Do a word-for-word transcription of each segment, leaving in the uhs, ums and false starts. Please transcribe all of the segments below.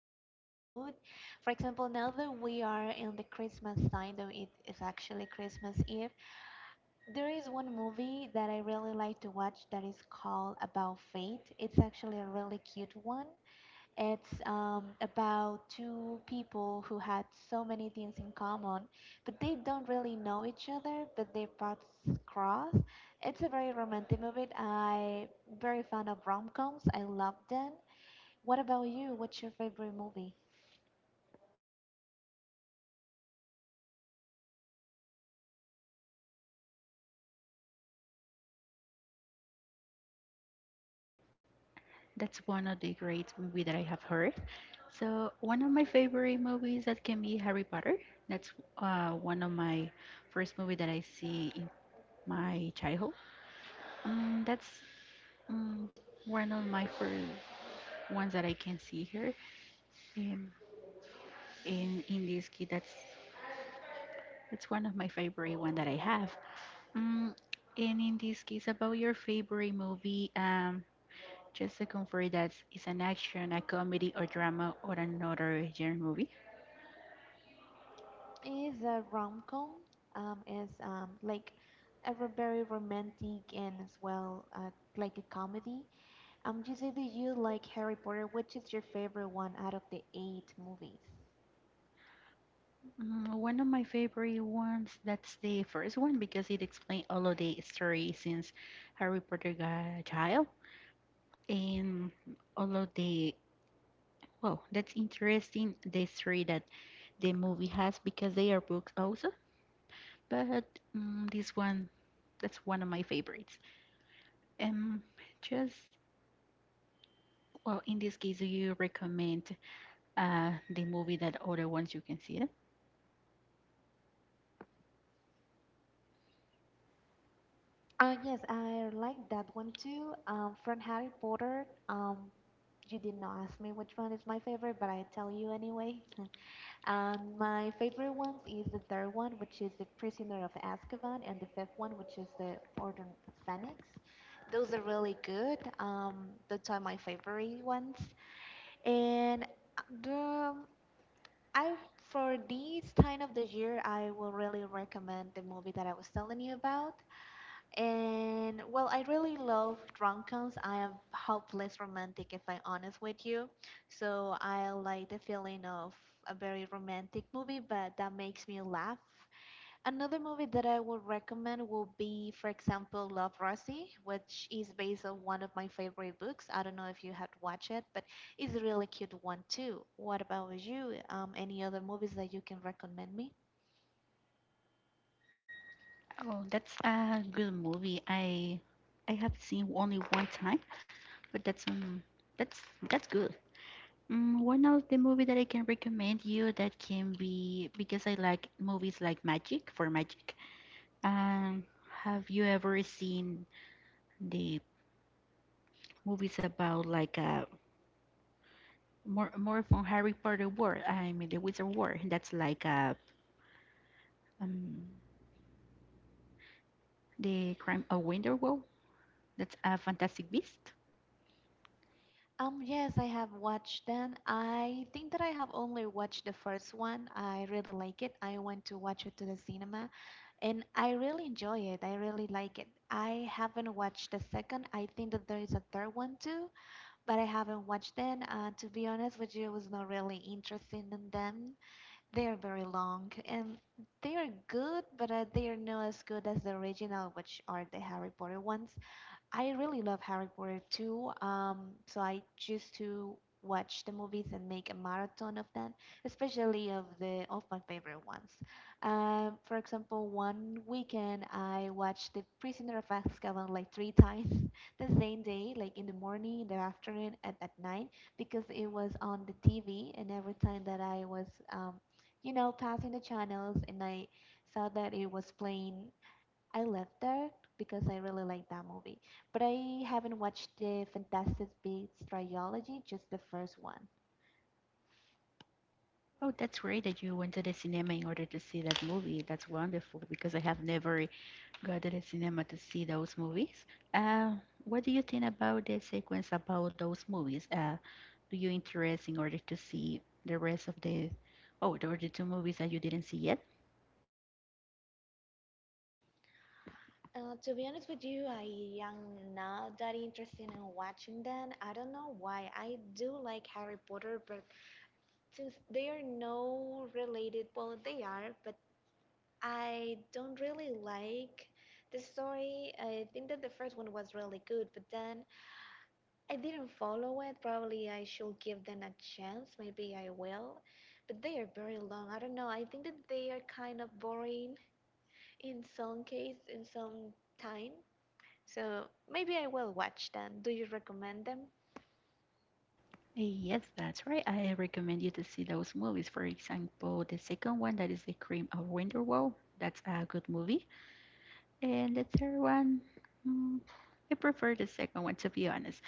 depends on the mood. For example, now that we are in the Christmas time, though it is actually Christmas Eve, there is one movie that I really like to watch that is called About Fate. It's actually a really cute one. It's um, about two people who had so many things in common, but they don't really know each other, but their paths cross. It's a very romantic movie. I very fond of rom-coms. I love them. What about you? What's your favorite movie? That's one of the great movie that I have heard. So one of my favorite movies that can be Harry Potter. That's uh, one of my first movie that I see in my childhood. Um, that's um, one of my first ones that I can see here. Um, in in this kid. that's that's one of my favorite one that I have. Mm, and in this case, about your favorite movie, um, just to confirm that it's an action, a comedy, or drama, or another genre movie. Is a rom-com. Um, is um, like a ro- very romantic, and as well, uh, like a comedy. Um, you said that you like Harry Potter. Which is your favorite one out of the eight movies? Mm, one of my favorite ones, that's the first one because it explains all of the story since Harry Potter got a child and all of the Wow, that's interesting. The story that the movie has because they are books also, but mm this one, that's one of my favorites. Um, just Well, in this case, do you recommend uh, the movie that other ones you can see it? Uh, yes, I like that one too. Um, from Harry Potter, um, you did not ask me which one is my favorite, but I tell you anyway. Um, my favorite ones is the third one, which is The Prisoner of Azkaban, and the fifth one, which is The Order of Phoenix. Those are really good. Um, those are my favorite ones. And uh, the I for this time of the year, I will really recommend the movie that I was telling you about. And well, I really love rom-coms. I am hopeless romantic, if I'm honest with you. So I like the feeling of a very romantic movie, but that makes me laugh. Another movie that I would recommend will be, for example, Love Rosie, which is based on one of my favorite books. I don't know if you had watched it, but it's a really cute one too. What about you? Um, any other movies that you can recommend me? Oh, that's a good movie. I I have seen only one time, but that's um that's that's good. Mm, one of the movie that I can recommend you that can be because I like movies like magic for magic. Um, have you ever seen the movies about like a more more from Harry Potter world? I mean the Wizard world. That's like a um the Crime of Grindelwald. That's a Fantastic Beast. Um, yes, I have watched them. I think that I have only watched the first one. I really like it. I went to watch it to the cinema and I really enjoy it. I really like it. I haven't watched the second. I think that there is a third one too, but I haven't watched them. Uh, to be honest with you, I was not really interested in them. They are very long and they are good, but uh, they are not as good as the original, which are the Harry Potter ones. I really love Harry Potter too. Um, so I choose to watch the movies and make a marathon of them, especially of the of my favorite ones. Um, for example, one weekend I watched The Prisoner of Azkaban like three times the same day, like in the morning, in the afternoon, and at night, because it was on the T V, and every time that I was, um, you know, passing the channels, and I saw that it was playing I left there because I really like that movie. But I haven't watched the Fantastic Beasts trilogy, just the first one. Oh, that's great that you went to the cinema in order to see that movie. That's wonderful because I have never gone to the cinema to see those movies. Uh, what do you think about the sequence about those movies? Uh, do you interest in order to see the rest of the oh, there were the two movies that you didn't see yet? Uh, to be honest with you, I am not that interested in watching them. I don't know why. I do like Harry Potter, but since they are no related, well, they are, but I don't really like the story. I think that the first one was really good, but then I didn't follow it. Probably I should give them a chance. Maybe I will. But they are very long. I don't know. I think that they are kind of boring in some case, in some time. So maybe I will watch them. Do you recommend them? Eh, Yes, that's right. I recommend you to see those movies. For example, the second one that is The Cream of Winterwell. That's a good movie. And the third one, mm, I prefer the second one to be honest.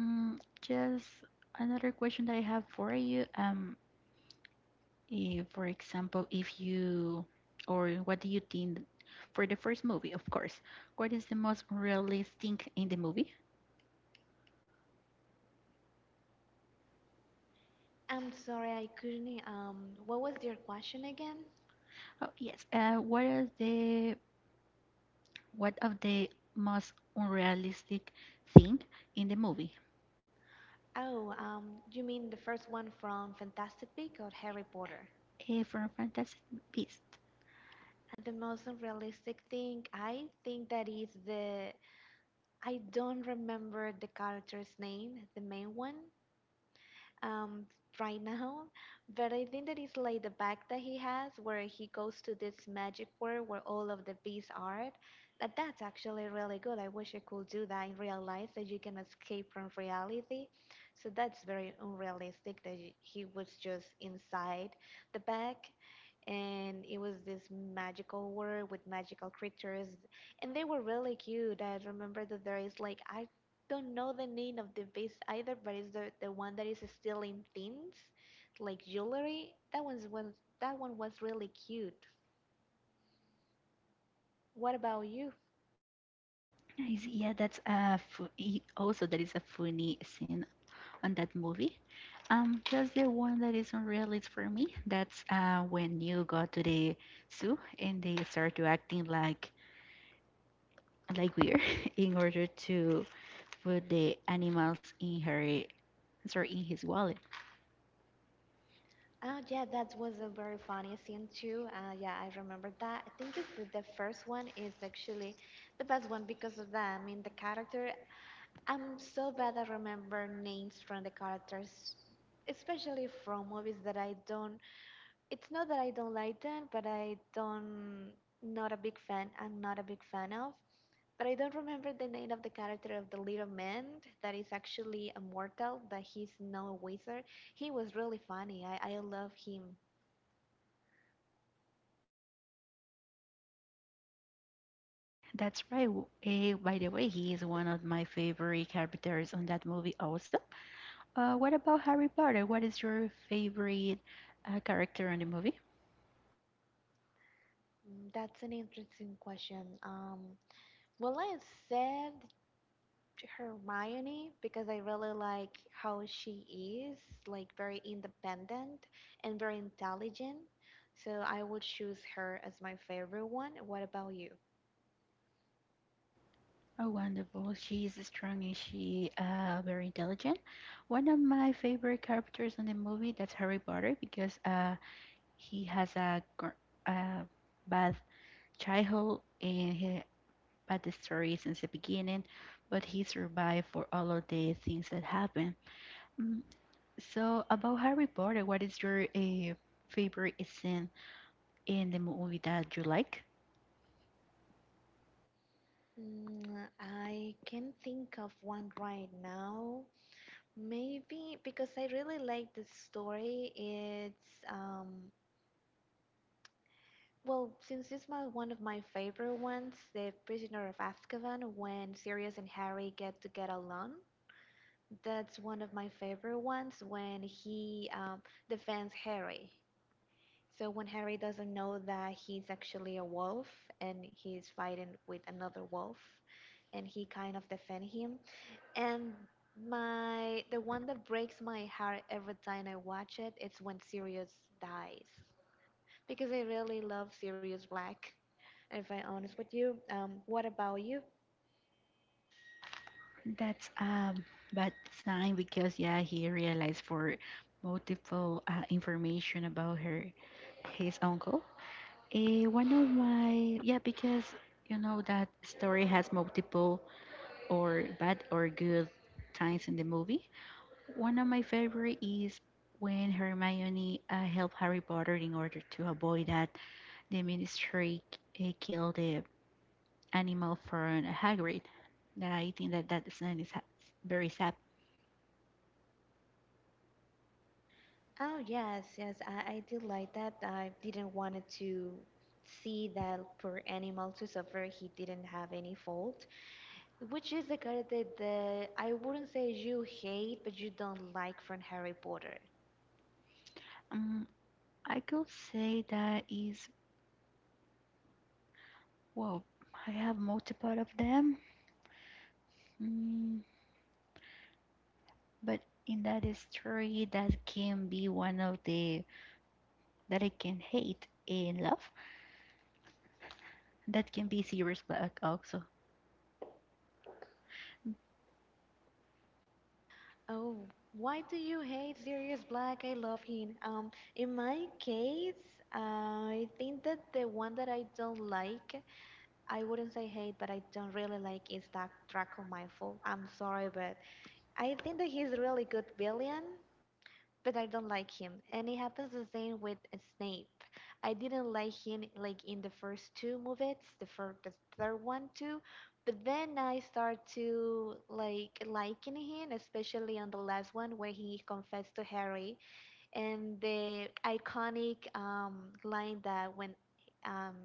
Mm, just another question that I have for you. Um, if, for example, if you or what do you think for the first movie, of course, what is the most realistic in the movie? I'm sorry, I couldn't. Um, what was your question again? Oh yes. Uh, what is the what of the most unrealistic thing in the movie? Oh, um, you mean the first one from Fantastic Beasts or Harry Potter? Uh, from Fantastic Beast. And the most unrealistic thing, I think that is the I don't remember the character's name, the main one, um, right now, but I think that it's like the bag that he has where he goes to this magic world where all of the bees are. That that's actually really good. I wish I could do that in real life, that you can escape from reality. So that's very unrealistic that y- he was just inside the bag. And it was this magical world with magical creatures and they were really cute. I remember that there is like I don't know the name of the base either, but it's the, the one that is still in things, like jewelry. That one's one that one was really cute. What about you? I see. Yeah, that's a fu- e- also that is a funny scene on that movie. Um, just the one that is unrealistic for me. That's uh when you go to the zoo and they start to acting like like weird in order to put the animals in her sorry in his wallet. Oh yeah, that was a very funny scene too. Uh, yeah, I remember that. I think that the, the first one is actually the best one because of that. I mean, the character. I'm so bad at remember names from the characters, especially from movies that I don't. It's not that I don't like them, but I don't not a big fan. I'm not a big fan of. But I don't remember the name of the character of the little man that is actually immortal. That he's no wizard. He was really funny. I I love him. That's right. Uh, by the way, he is one of my favorite characters on that movie also. Uh, what about Harry Potter? What is your favorite uh, character on the movie? Mm, That's an interesting question. Um, well, I said Hermione because I really like how she is, like very independent and very intelligent. So I would choose her as my favorite one. What about you? Oh, wonderful. She is strong and she uh very intelligent. One of my favorite characters in the movie that's Harry Potter because uh he has a gr- uh bad childhood and he bad story since the beginning, but he survived for all of the things that happened. Mm, So about Harry Potter, what is your uh, favorite scene in the movie that you like? Mm, I can't think of one right now. Maybe because I really like the story. It's um well, since it's my one of my favorite ones, The Prisoner of Azkaban, when Sirius and Harry get to get along. That's one of my favorite ones when he um, defends Harry. So when Harry doesn't know that he's actually a wolf and he's fighting with another wolf, and he kind of defends him. And my the one that breaks my heart every time I watch it, it's when Sirius dies because I really love Sirius Black. If I'm honest with you, um, what about you? That's a bad sign because yeah, he realized for multiple uh, information about her, his uncle. Eh, one of my yeah, because you know that story has multiple or bad or good times in the movie. One of my favorite is when Hermione uh, helped Harry Potter in order to avoid that the Ministry uh, killed the animal from Hagrid. That I think that that scene is ha- very sad. Oh yes, yes, I, I did like that. I didn't want it to see that poor animal to suffer. He didn't have any fault, which is the character that I wouldn't say you hate, but you don't like from Harry Potter. Um, I could say that is, well, I have multiple of them, mm, but in that story, that can be one of the that I can hate and love. That can be Sirius black also. Oh, why do you hate Sirius Black? I love him. Um, in my case, I think that the one that I don't like, I wouldn't say hate, but I don't really like is that Draco Malfoy. I'm sorry, but I think that he's a really good villain, but I don't like him. And it happens the same with Snape. I didn't like him like in the first two movies, the first, the third one too. But then I start to like liking him, especially on the last one where he confessed to Harry and the iconic um, line that when um,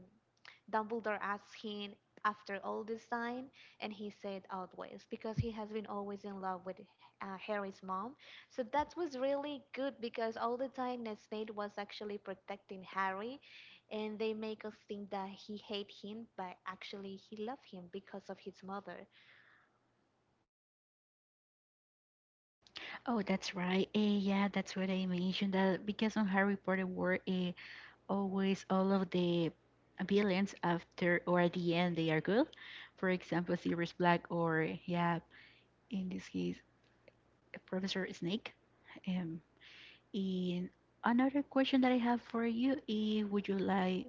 Dumbledore asked him after all this time, and he said always because he has been always in love with uh, Harry's mom. So that was really good because all the time Snape was actually protecting Harry, and they make us think that he hate him, but actually he love him because of his mother. Oh, that's right. Eh, yeah, that's what I mentioned that because on Harry Potter were eh, always all of the villains after or at the end they are good. For example, Sirius Black or yeah, in this case, Professor Snake. Um, And another question that I have for you is would you like,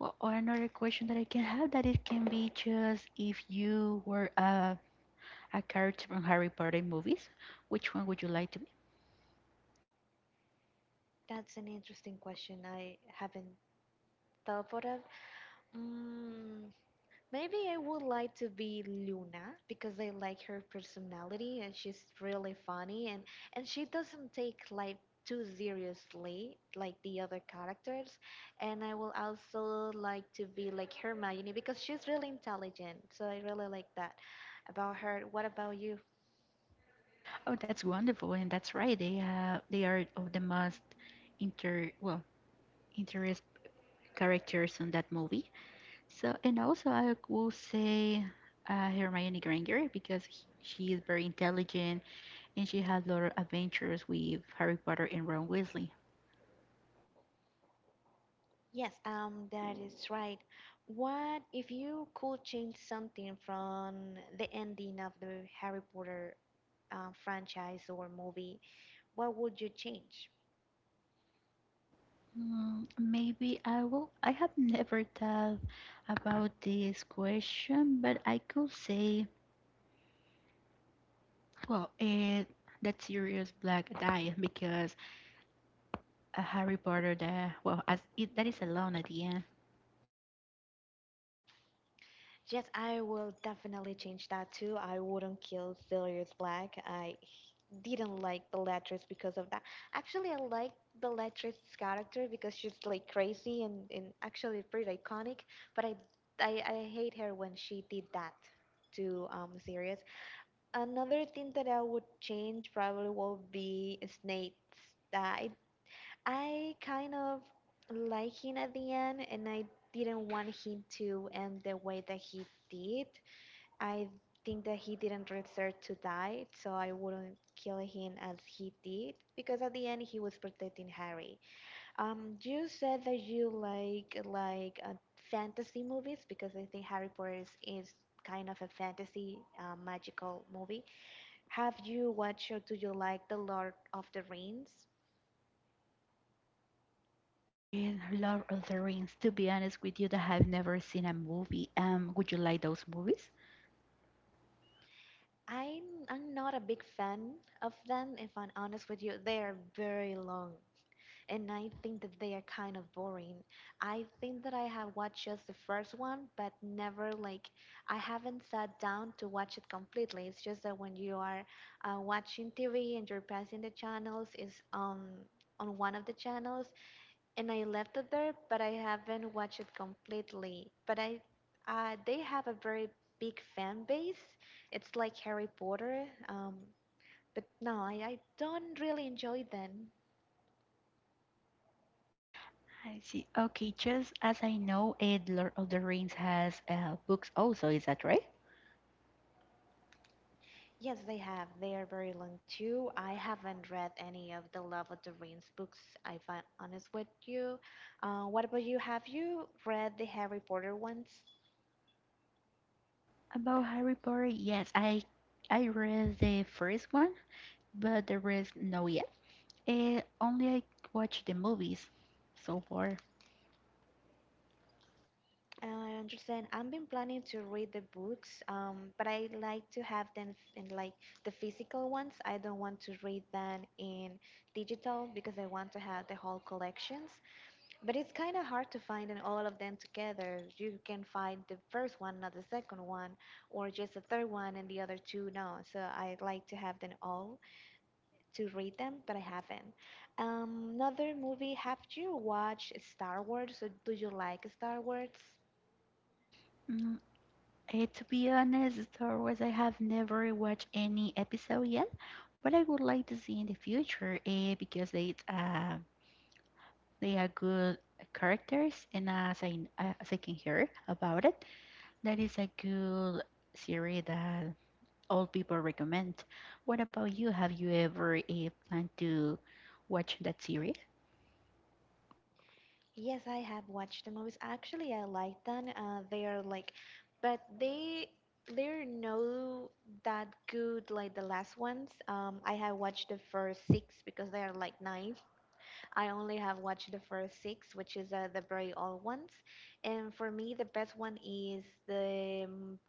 or or another question that I can have that it can be just if you were a, a character from Harry Potter movies, which one would you like to be? That's an interesting question I haven't thought of. Mm, Maybe I would like to be Luna because I like her personality and she's really funny and and she doesn't take life too seriously like the other characters. And I will also like to be like Hermione because she's really intelligent. So I really like that about her. What about you? Oh, that's wonderful, and that's right. They uh, they are of the most inter well interest characters in that movie. So, and also I will say uh, Hermione Granger because he, she is very intelligent and she has a lot of adventures with Harry Potter and Ron Weasley. Yes, um, that is right. What if you could change something from the ending of the Harry Potter uh, franchise or movie? What would you change? Mm, maybe I will. I have never thought about this question, but I could say, well, it that serious black diet because uh, Harry Potter, the well, as it that is alone at the end. Yes, I will definitely change that too. I wouldn't kill Sirius Black. I didn't like the Bellatrix because of that. Actually, I like the Bellatrix character because she's like crazy and, and actually pretty iconic. But I, I I hate her when she did that to um Sirius. Another thing that I would change probably will be Snape's. Uh, I I kind of like him at the end, and I didn't want him to end the way that he did. I think that he didn't deserve to die, so I wouldn't kill him as he did because at the end he was protecting Harry. Um, you said that you like like uh, fantasy movies because I think Harry Potter is, is kind of a fantasy uh, magical movie. Have you watched or do you like The Lord of the Rings? And Lord of the Rings. To be honest with you, that I've never seen a movie. Um, would you like those movies? I'm I'm not a big fan of them, if I'm honest with you. They are very long, and I think that they are kind of boring. I think that I have watched just the first one, but never like I haven't sat down to watch it completely. It's just that when you are uh, watching T V and you're passing the channels, is um on one of the channels, and I left it there, but I haven't watched it completely. But I, uh, they have a very big fan base. It's like Harry Potter. Um, but no, I, I don't really enjoy them. I see. Okay, just as I know it, Lord of the Rings has uh, books also, is that right? Yes, they have. They are very long too. I haven't read any of the Love of the Rings books, if I'm honest with you. Uh, what about you? Have you read the Harry Potter ones? About Harry Potter, yes, I I read the first one, but the rest no yet. Uh, only I watch the movies so far. I understand. I've been planning to read the books, um, but I like to have them in like the physical ones. I don't want to read them in digital because I want to have the whole collections. But it's kind of hard to find in all of them together. You can find the first one, not the second one, or just the third one and the other two no. So I like to have them all to read them, but I haven't. Um, another movie. Have you watched Star Wars? Or do you like Star Wars? Mm, eh, to be honest, Star Wars I have never watched any episode yet, but I would like to see in the future uh, because they uh, they are good characters, and as I as I can hear about it. That is a good series that all people recommend. What about you? Have you ever eh, planned to watch that series? Yes, I have watched the movies. Actually, I like them. Uh, they are like, but they they're no that good like the last ones. Um, I have watched the first six because they are like nine. I only have watched the first six, which is uh, the very old ones. And for me, the best one is the um,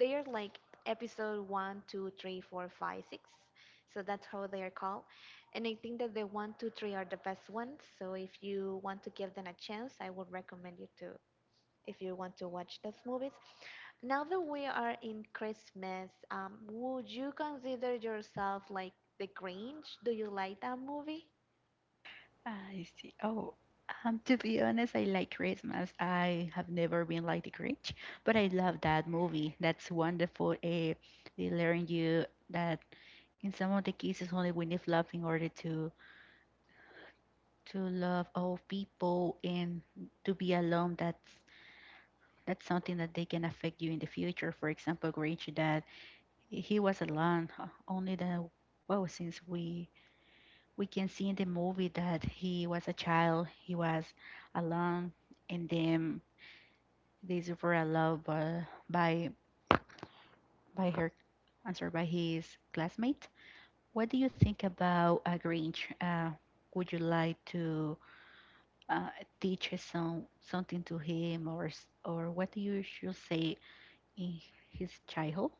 they are like episode one, two, three, four, five, six. So that's how they are called. And I think that the one, two, three are the best ones. So if you want to give them a chance, I would recommend you to if you want to watch those movies. Now that we are in Christmas, um, would you consider yourself like the Grinch? Do you like that movie? I see. Oh, um, to be honest, I like Christmas. I have never been like the Grinch, but I love that movie. That's wonderful. Eh, they learn you that in some of the cases only we need love in order to to love all people and to be alone. That's that's something that they can affect you in the future. For example, Grinch that he was alone. Uh, Only the well, since we we can see in the movie that he was a child, he was alone, and then they were allowed by by, by her, I'm sorry, by his classmate. What do you think about a Grinch? Uh, would you like to uh, teach some something to him, or s- or what do you should say in his childhood?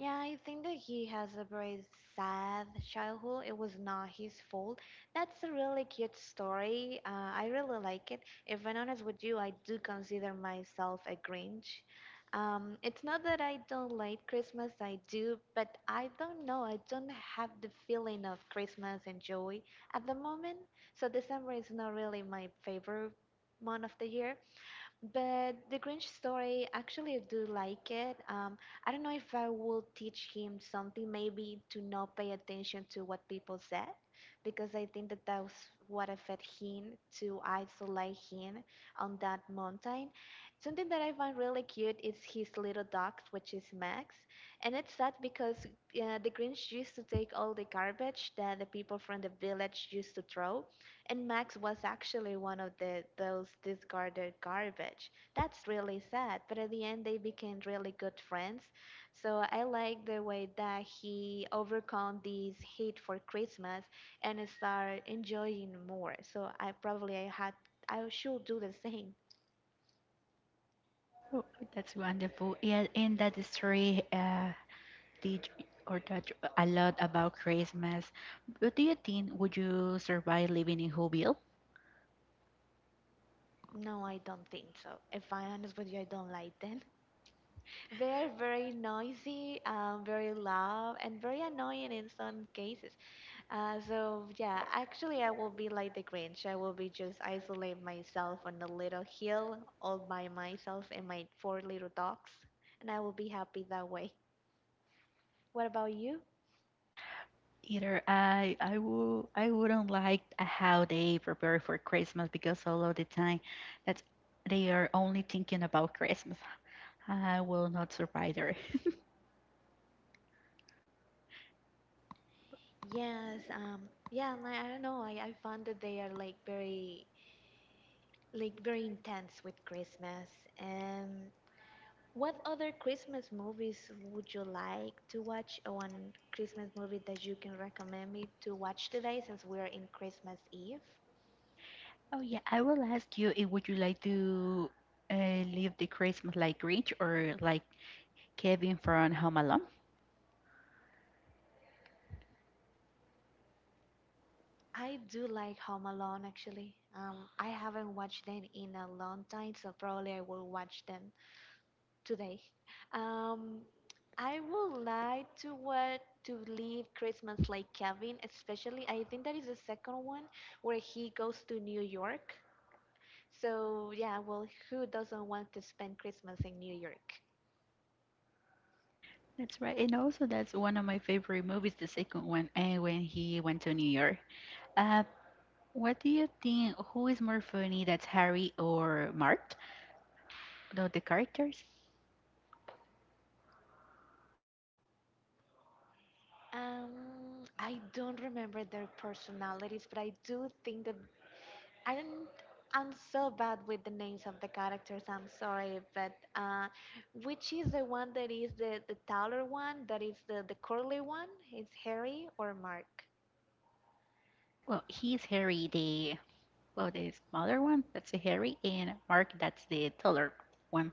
Yeah, I think that he has a very sad childhood. It was not his fault. That's a really cute story. Uh, I really like it. If I'm honest with you, I do consider myself a Grinch. Um, it's not that I don't like Christmas, I do, but I don't know. I don't have the feeling of Christmas and joy at the moment. So December is not really my favorite month of the year. But the Grinch story, actually, I do like it. Um, I don't know if I will teach him something, maybe to not pay attention to what people said, because I think that that was what affected him to isolate him on that mountain. Something that I find really cute is his little dog, which is Max, and it's sad because uh, the Grinch used to take all the garbage that the people from the village used to throw, and Max was actually one of the those discarded garbage. That's really sad, but at the end they became really good friends. So I like the way that he overcome this hate for Christmas and start enjoying more. So I probably I had I should do the same. Oh, that's wonderful. Yeah, in that story. Uh, teach or touch a lot about Christmas. But do you think would you survive living in Whoville? No, I don't think so. If I'm honest with you, I don't like them. They're very noisy, um, very loud, and very annoying in some cases. Uh, so yeah, actually, I will be like the Grinch. I will be just isolate myself on a little hill all by myself and my four little dogs, and I will be happy that way. What about you? Either I I would I wouldn't like how they prepare for Christmas because all of the time that they are only thinking about Christmas. I will not survive there. Yes, um, yeah, and I, I don't know. I, I found that they are like very, like very intense with Christmas. And what other Christmas movies would you like to watch? Or one Christmas movie that you can recommend me to watch today since we're in Christmas Eve? Oh yeah, I will ask you if would you like to uh, live the Christmas like Grinch or like Kevin from Home Alone? I do like Home Alone actually. Um, I haven't watched them in a long time, so probably I will watch them today. Um, I would like to watch to leave Christmas like Kevin, especially I think that is the second one where he goes to New York. So yeah, well, who doesn't want to spend Christmas in New York? That's right. And also, that's one of my favorite movies, the second one, and when he went to New York. Uh, what do you think? Who is more funny? That's Harry or Mart? No, the characters. Um, I don't remember their personalities, but I do think that I don't. I'm so bad with the names of the characters. I'm sorry, but uh, which is the one that is the the taller one? That is the the curly one? Is Harry or Mark? Well, he's Harry, the well, the smaller one. That's a Harry, and Mark, that's the taller one.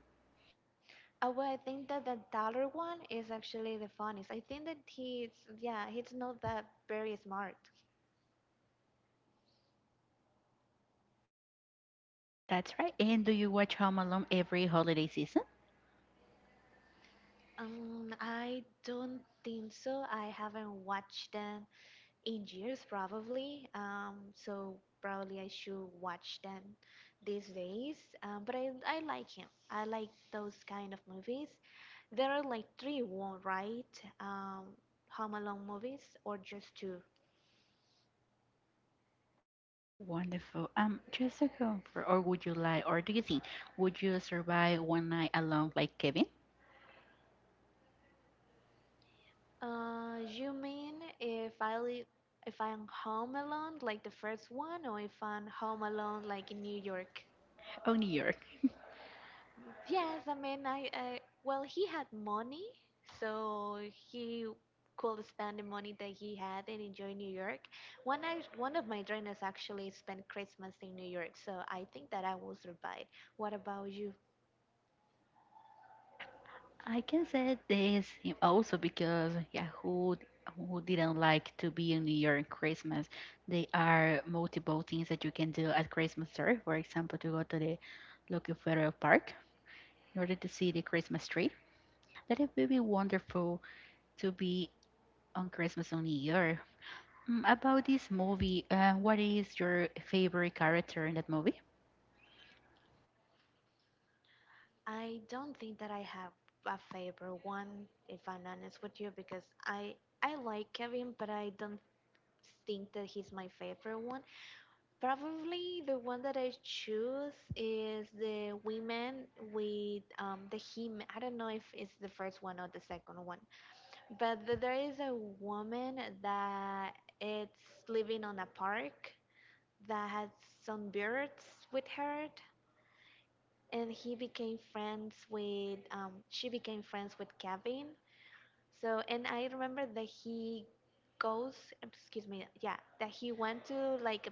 Oh, well, I think that the taller one is actually the funniest. I think that he's yeah, he's not that very smart. That's right. And do you watch Home Alone every holiday season? Um, I don't think so. I haven't watched them eight years probably. Um, so probably I should watch them these days. Um, but I, I like him. I like those kind of movies. There are like three, one, right? Um, Home Alone movies or just two? Wonderful. Um, just to confirm, or would you like? Or do you think would you survive one night alone like Kevin Uh, you mean if I li- if I'm home alone, like the first one, or if I'm home alone, like in New York? Oh, New York? Yes, I mean, I, I well, he had money, so he could spend the money that he had and enjoy New York. One I one of my dreams actually spent Christmas in New York, so I think that I will survive. What about you? I can say this eh, also because yeah, who who didn't like to be in New York on Christmas? There are multiple things that you can do at Christmas time. For example, to go to the Local Federal Park in order to see the Christmas tree. That it will be wonderful to be on Christmas on New York. Mm, About this movie, uh, what is your favorite character in that movie? I don't think that I have a favorite one, if I'm honest with you, because I I like Kevin, but I don't think that he's my favorite one. Probably the one that I choose is the women with um, the him. I don't know if it's the first one or the second one, but th- there is a woman that it's living on a park that had some birds with her, and he became friends with um, she became friends with Kevin. So and I remember that he goes excuse me yeah that he went to like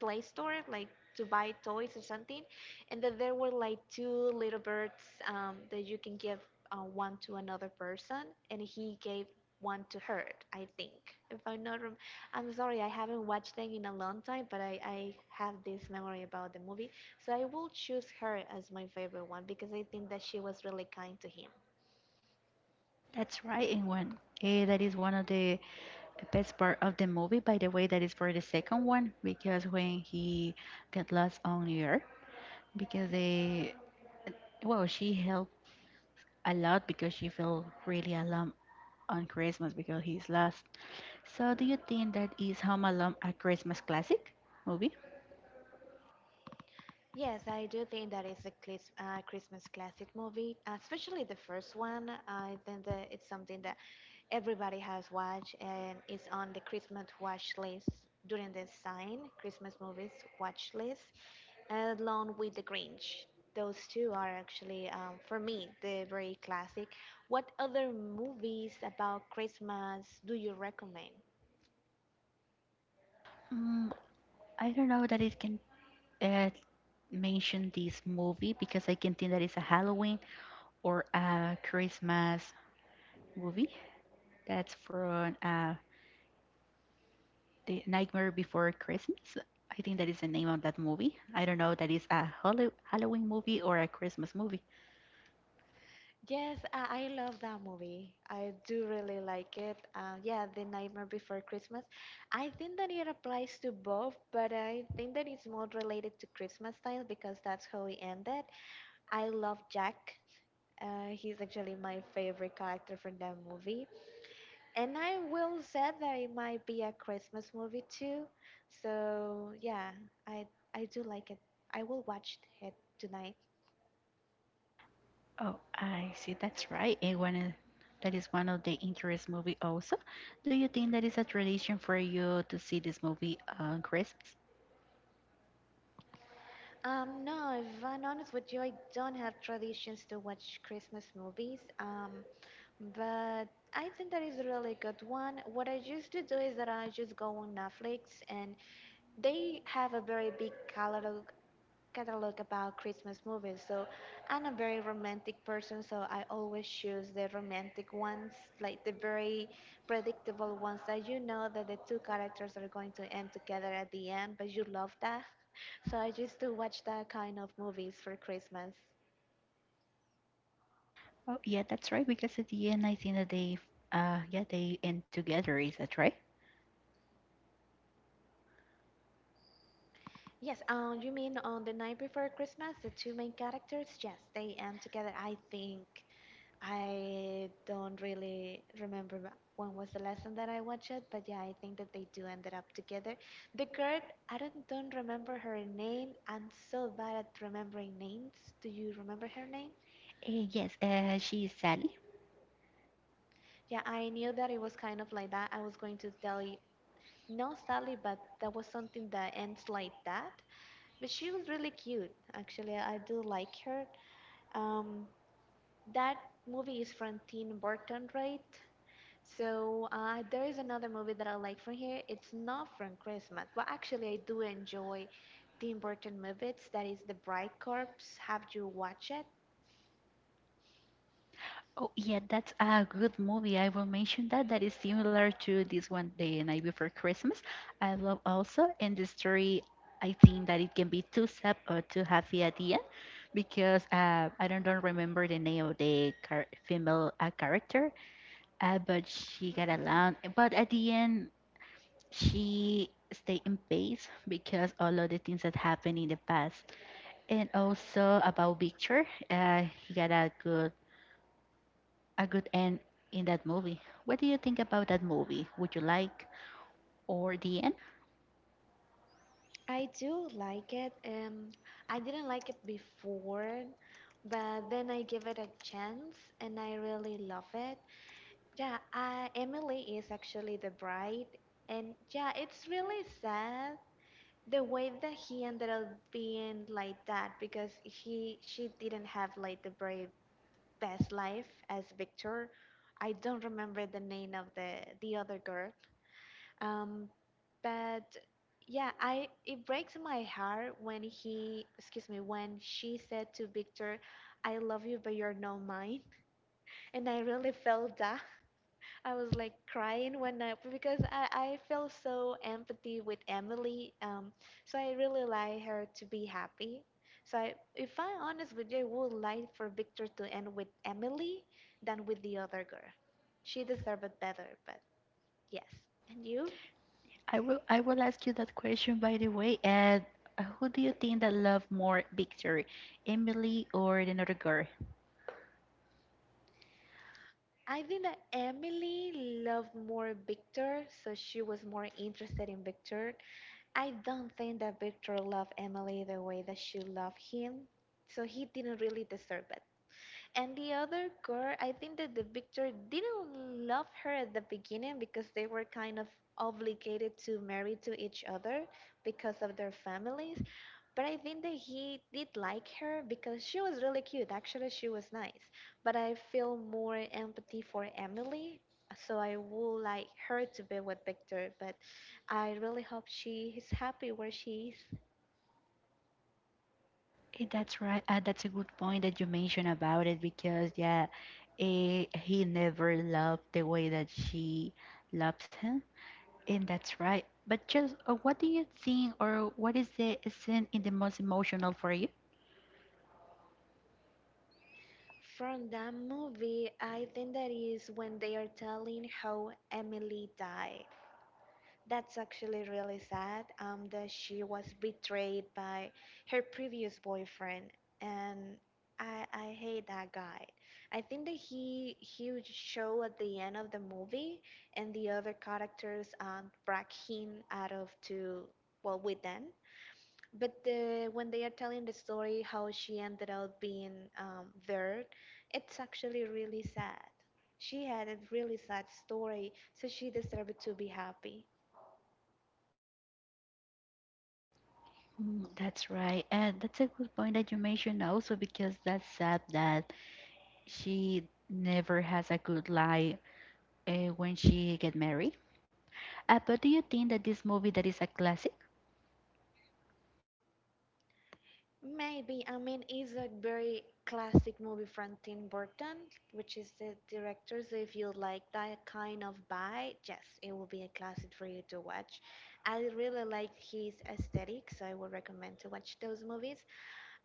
play store like to buy toys or something and that there were like two little birds um, that you can give uh, one to another person and he gave one to her. I think if I'm not wrong, I'm sorry, I haven't watched them in a long time, but I, I have this memory about the movie, so I will choose her as my favorite one because I think that she was really kind to him. That's right, and one. Eh, that is one of the best part of the movie. By the way, that is for the second one because when he got lost on New York, because they, well, she helped a lot because she felt really alone on Christmas because he's lost. So, do you think that is Home Alone a Christmas classic movie? Yes, I do think that is a clis- uh, Christmas classic movie, especially the first one. I think that it's something that everybody has watched and it's on the Christmas watch list during the sign Christmas movies watch list, along with The Grinch. Those two are actually, um, for me, the very classic. What other movies about Christmas do you recommend? Mm, I don't know that it can uh, mention this movie because I can think that it's a Halloween or a Christmas movie. That's from uh, the Nightmare Before Christmas. I think that is the name of that movie. I don't know. That is a Hallow- Halloween movie or a Christmas movie. Yes, I, I love that movie. I do really like it. Uh, yeah, The Nightmare Before Christmas. I think that it applies to both, but I think that it's more related to Christmas time because that's how it ended. I love Jack. Uh, he's actually my favorite character from that movie. And I will say that it might be a Christmas movie too. So yeah, I I do like it. I will watch it tonight. Oh, I see. That's right. And one of- that is one of the interest movie also. Do you think that is a tradition for you to see this movie on Christmas? Um, no, if I'm honest with you, I don't have traditions to watch Christmas movies. Um, but I think that is a really good one. What I used to do is that I just go on Netflix and they have a very big catalog catalog about Christmas movies. So I'm a very romantic person, so I always choose the romantic ones, like the very predictable ones that you know that the two characters are going to end together at the end, but you love that. So I used to watch that kind of movies for Christmas. Oh, yeah, that's right. Because at the end, I think that they, uh, yeah, they end together. Is that right? Yes, um, you mean on the night before Christmas, the two main characters? Yes, they end together, I think. I don't really remember wh- when was the last time that I watched it, but yeah, I think that they do ended up together. The girl, I don't don't remember her name. I'm so bad at remembering names. Do you remember her name? Uh, yes. Uh, she is Sally. Yeah, I knew that it was kind of like that. I was going to tell you, no, Sally, but that was something that ends like that. But she was really cute. Actually, I do like her. Um, that movie is from Tim Burton, right? So uh, there is another movie that I like from here. It's not from Christmas, but actually I do enjoy Tim Burton movies. That is The Bride Corpse. Have you watched it? Oh, yeah, that's a good movie. I will mention that. That is similar to this one, The Night Before Christmas. I love also, and the story, I think that it can be too sad or too happy at the end because uh, I don't, don't remember the name of the char female uh, character, uh, but she got along. But at the end, she stay in peace because all of the things that happened in the past. And also about Victor, uh, he got a good a good end in that movie. What do you think about that movie? Would you like or the end? I do like it. Um, I didn't like it before, but then I give it a chance and I really love it. Yeah, uh, Emily is actually the bride, and yeah, it's really sad the way that he ended up being like that because he she didn't have like the very best life as Victor. I don't remember the name of the the other girl. Um, but yeah, I it breaks my heart when he excuse me when she said to Victor, "I love you, but you're not mine," and I really felt that I was like crying when I because I, I felt so empathy with Emily. Um, so I really like her to be happy. So I, if I'm honest with you, I would like for Victor to end with Emily than with the other girl. She deserved it better, but yes. And you? I will I will ask you that question, by the way. And uh, who do you think that love more, Victor, Emily or another girl? I think that Emily loved more Victor, so she was more interested in Victor. I don't think that Victor loved Emily the way that she loved him, so he didn't really deserve it. And the other girl, I think that the Victor didn't love her at the beginning because they were kind of obligated to marry to each other because of their families. But I think that he did like her because she was really cute. Actually, she was nice. But I feel more empathy for Emily. So I would like her to be with Victor. But I really hope she is happy where she is. Eh, that's right. Uh, that's a good point that you mentioned about it because yeah, eh, he never loved the way that she loves him, and that's right. But just uh, what do you think, or what is the scene in the most emotional for you? From that movie, I think that is when they are telling how Emily died. That's actually really sad. Um, that she was betrayed by her previous boyfriend, and I I hate that guy. I think that he he would show at the end of the movie, and the other characters um drag him out of to well with them, but the, when they are telling the story how she ended up being um, there, it's actually really sad. She had a really sad story, so she deserved to be happy. Mm, that's right. And that's a good point that you mentioned also because that's sad that she never has a good life uh, when she get married. Uh, but do you think that this movie that is a classic? Maybe, I mean, it's a very classic movie from Tim Burton, which is the director, so if you like that kind of vibe, yes, it will be a classic for you to watch. I really like his aesthetic, so I would recommend to watch those movies.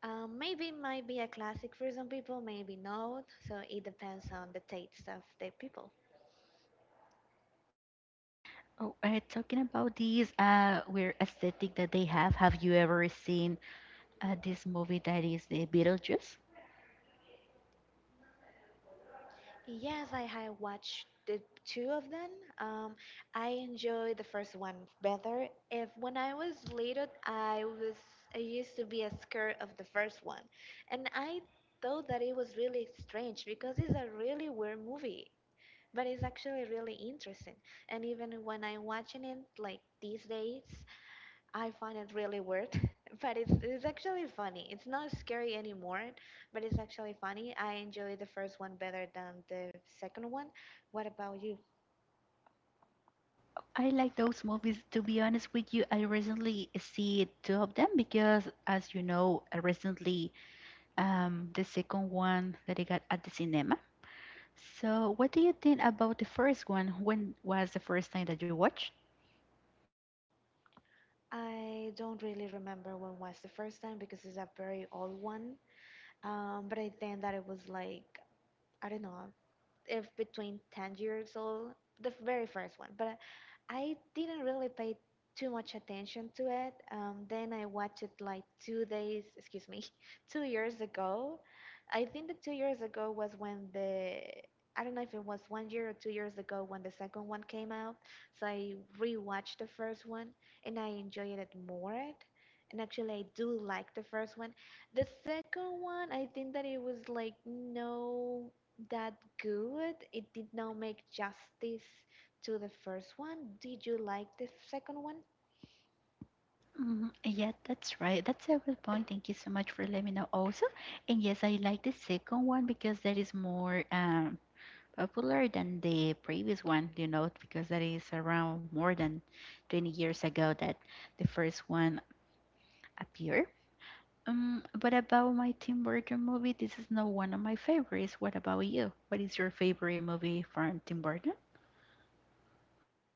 Um, maybe might be a classic for some people, maybe not. So it depends on the tastes of the people. Oh, uh, talking about these uh, weird aesthetic that they have, have you ever seen uh, this movie that is the Beetlejuice? Yes, I have watched the two of them. Um, I enjoyed the first one better. If when I was little, I was I used to be scared of the first one, and I thought that it was really strange because it's a really weird movie. But it's actually really interesting. And even when I'm watching it like these days, I find it really weird, but it's it's actually funny. It's not scary anymore, but it's actually funny. I enjoy the first one better than the second one. What about you? I like those movies. To be honest with you, I recently see two of them because, as you know, I recently um, the second one that I got at the cinema. So, what do you think about the first one? When was the first time that you watched? I don't really remember when was the first time because it's a very old one. Um, but I think that it was like I don't know, if between ten years old, the very first one. But I didn't really pay too much attention to it. Um, then I watched it like two days, excuse me, two years ago. I think that two years ago was when the, I don't know if it was one year or two years ago when the second one came out. So I rewatched the first one and I enjoyed it more. And actually, I do like the first one. The second one, I think that it was like no that good. It did not make justice to the first one. Did you like the second one? Mhm. Yeah, that's right. That's a good point. Thank you so much for letting me know also. And yes, I like the second one because that is more um, popular than the previous one, you know, because that is around more than twenty years ago that the first one appeared. Um, what about my Tim Burton movie? This is not one of my favorites. What about you? What is your favorite movie from Tim Burton?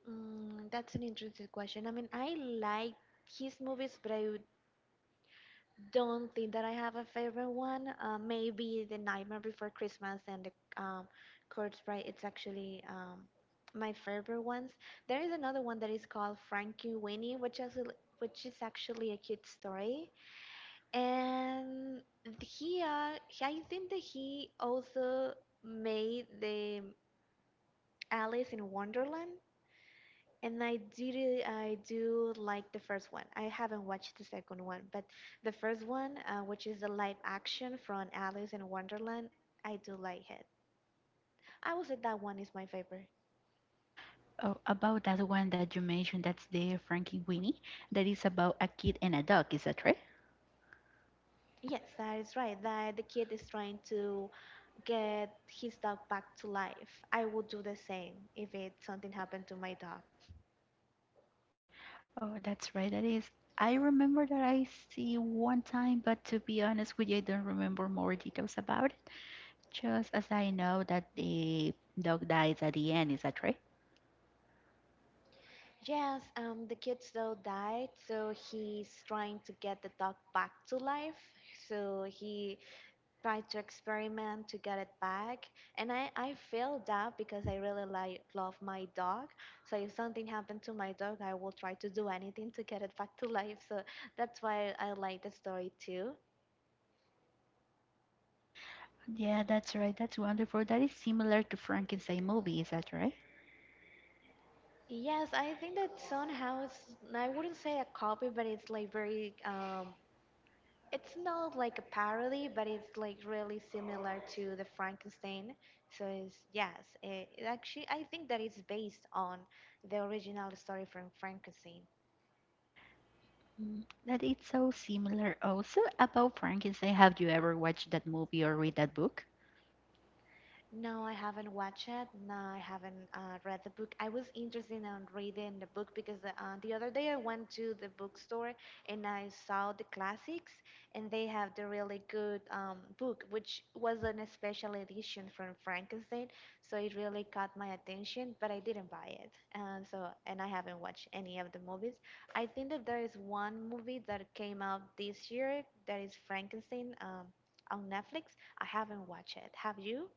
Mm, that's an interesting question. I mean, I like his movies, but I would- don't think that I have a favorite one. Uh, maybe The Nightmare Before Christmas and The um, Corpse Bride. It's actually um, my favorite ones. There is another one that is called Frankie Winnie, which is which is actually a cute story. And here, I think that he also made the Alice in Wonderland. And I did it, I do like the first one. I haven't watched the second one, but the first one, uh, which is the live action from Alice in Wonderland, I do like it. I would say that one is my favorite. Oh, about that one that you mentioned, that's the Frankie Winnie. That is about a kid and a dog, is that right? Yes, that is right. That the kid is trying to get his dog back to life. I would do the same if it something happened to my dog. Oh, that's right, that is. I remember that I see one time, but to be honest with you, I don't remember more details about it. Just as I know that the dog dies at the end, is that right? Yes, um, the kids though died, so he's trying to get the dog back to life. So he tried to experiment to get it back, and I I failed that because I really like love my dog. So if something happened to my dog, I will try to do anything to get it back to life. So that's why I like the story too. Yeah, that's right. That's wonderful. That is similar to Frankenstein movie, is that right? Yes, I think that somehow it's I wouldn't say a copy, but it's like very um, it's not like a parody, but it's like really similar to the Frankenstein. So it's, yes, it, it actually I think that it's based on the original story from Frankenstein. Mm. That it's so similar. Also, about Frankenstein, have you ever watched that movie or read that book? No, I haven't watched it. No, I haven't uh, read the book. I was interested in reading the book because uh, the other day I went to the bookstore and I saw the classics, and they have the really good um, book, which was an special edition from Frankenstein. So it really caught my attention, but I didn't buy it. Um, so and I haven't watched any of the movies. I think that there is one movie that came out this year that is Frankenstein um, on Netflix. I haven't watched it. Have you?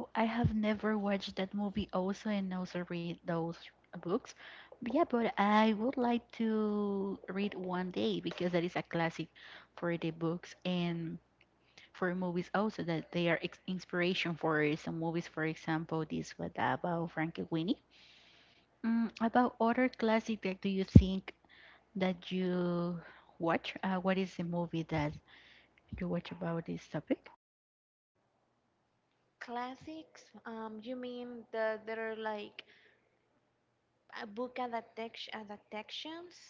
Oh, I have never watched that movie also and also read those books. But yeah, but I would like to read one day because that is a classic for the books and for movies also that they are ex inspiration for some movies. For example, this one about Frankie. Mm, about other classic that do you think that you watch? Uh, what is the movie that you watch about this topic? Classics? Um, you mean the there are like a book adaptation adaptations?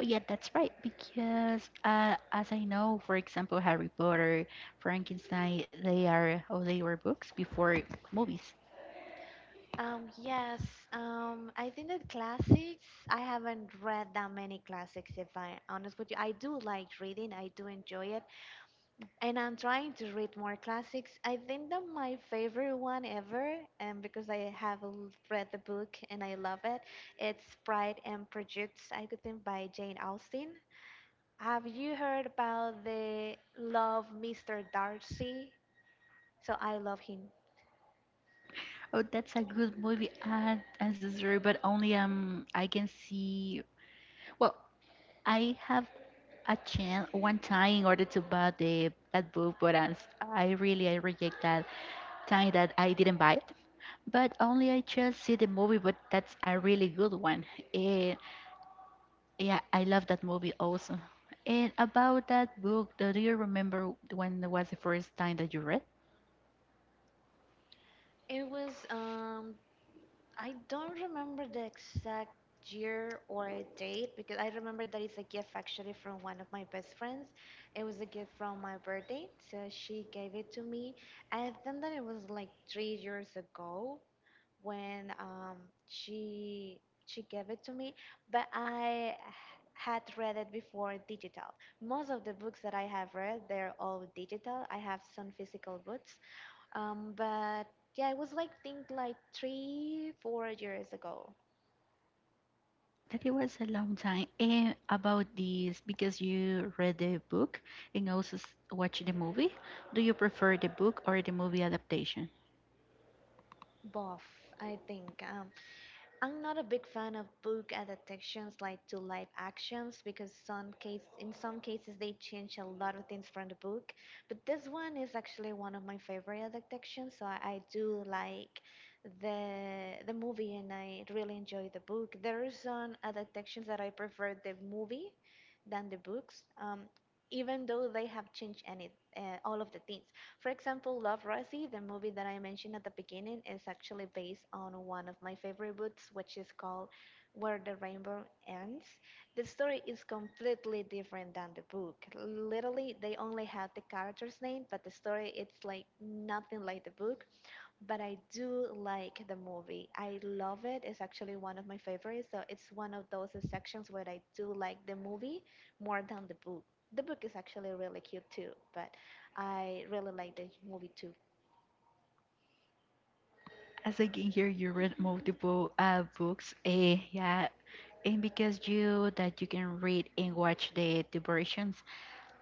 Oh yeah, that's right. Because uh, as I know, for example, Harry Potter, Frankenstein, they are oh they were books before movies. Um, yes. Um, I think that classics. I haven't read that many classics. If I honest with you, I do like reading. I do enjoy it, and I'm trying to read more classics. I think that my favorite one ever, and because I have l- read the book and I love it, it's Pride and Prejudice. I could think by Jane Austen. Have you heard about the Love mister Darcy? So I love him. Oh, that's a good movie, uh, ancestry, but only um I can see. Well, I have a chance one time in order to buy the that book, but I, I really I reject that time that I didn't buy it. But only I just see the movie, but that's a really good one. Eh, Yeah, I love that movie also. And about that book, do do you remember when it was the first time that you read? It was um I don't remember the exact year or a date because I remember that it's a gift actually from one of my best friends. It was a gift from my birthday, so she gave it to me. I think that it was like three years ago, when um, she she gave it to me, but I had read it before digital. Most of the books that I have read, they're all digital. I have some physical books, um, but yeah, it was like think like three, four years ago. That it was a long time. And about this, because you read the book and also s- watched the movie, do you prefer the book or the movie adaptation? Both, I think. Um, I'm not a big fan of book adaptations like to live actions because some case in some cases they change a lot of things from the book. But this one is actually one of my favorite adaptations, so I, I do like the the movie and I really enjoy the book. There are some adaptations that I prefer the movie than the books, um, even though they have changed any uh, all of the things. For example, Love Rosie, the movie that I mentioned at the beginning, is actually based on one of my favorite books, which is called Where the Rainbow Ends. The story is completely different than the book. Literally, they only had the character's name, but the story it's like nothing like the book, but I do like the movie. I love it. It's actually one of my favorites. So it's one of those sections where I do like the movie more than the book. The book is actually really cute too, but I really like the movie too. As I can hear, you read multiple uh, books. Eh, yeah. And because you that you can read and watch the, the versions,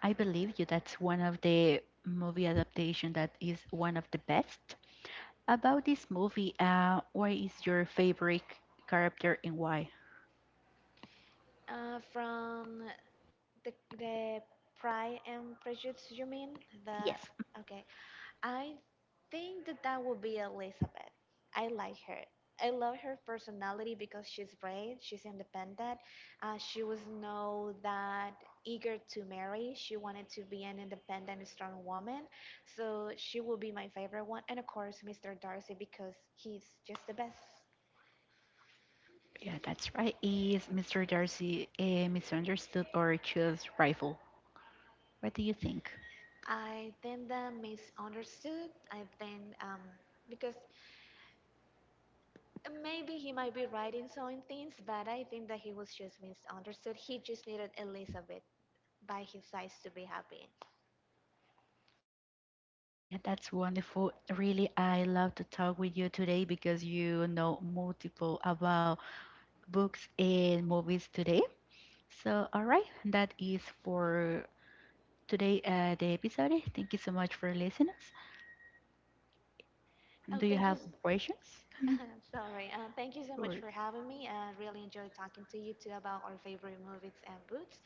I believe you that's one of the movie adaptation that is one of the best. About this movie, uh, what is your favorite character and why? Uh, from the the Pride and Prejudice, you mean? The Yes. okay. I think that that would be Elizabeth. I like her. I love her personality because she's brave, she's independent. Uh, she was no that eager to marry. She wanted to be an independent, strong woman. So she will be my favorite one. And of course, mister Darcy because he's just the best. Yeah, that's right. Is mister Darcy a misunderstood or chose rival? What do you think? I think that misunderstood. I think um, because maybe he might be right in some things, but I think that he was just misunderstood. He just needed Elizabeth by his sides to be happy. Yeah, that's wonderful. Really, I love to talk with you today because you know multiple about books and movies today. So, all right, that is for today uh, the episode. Thank you so much for listening us. Oh, Do you thank you. have s- questions I'm Sorry. Uh, thank you so much or for having me. I really enjoyed talking to you too about our favorite movies and books.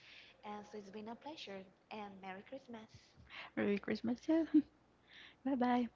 And so it's been a pleasure. And Merry Christmas. Merry Christmas too? Bye bye.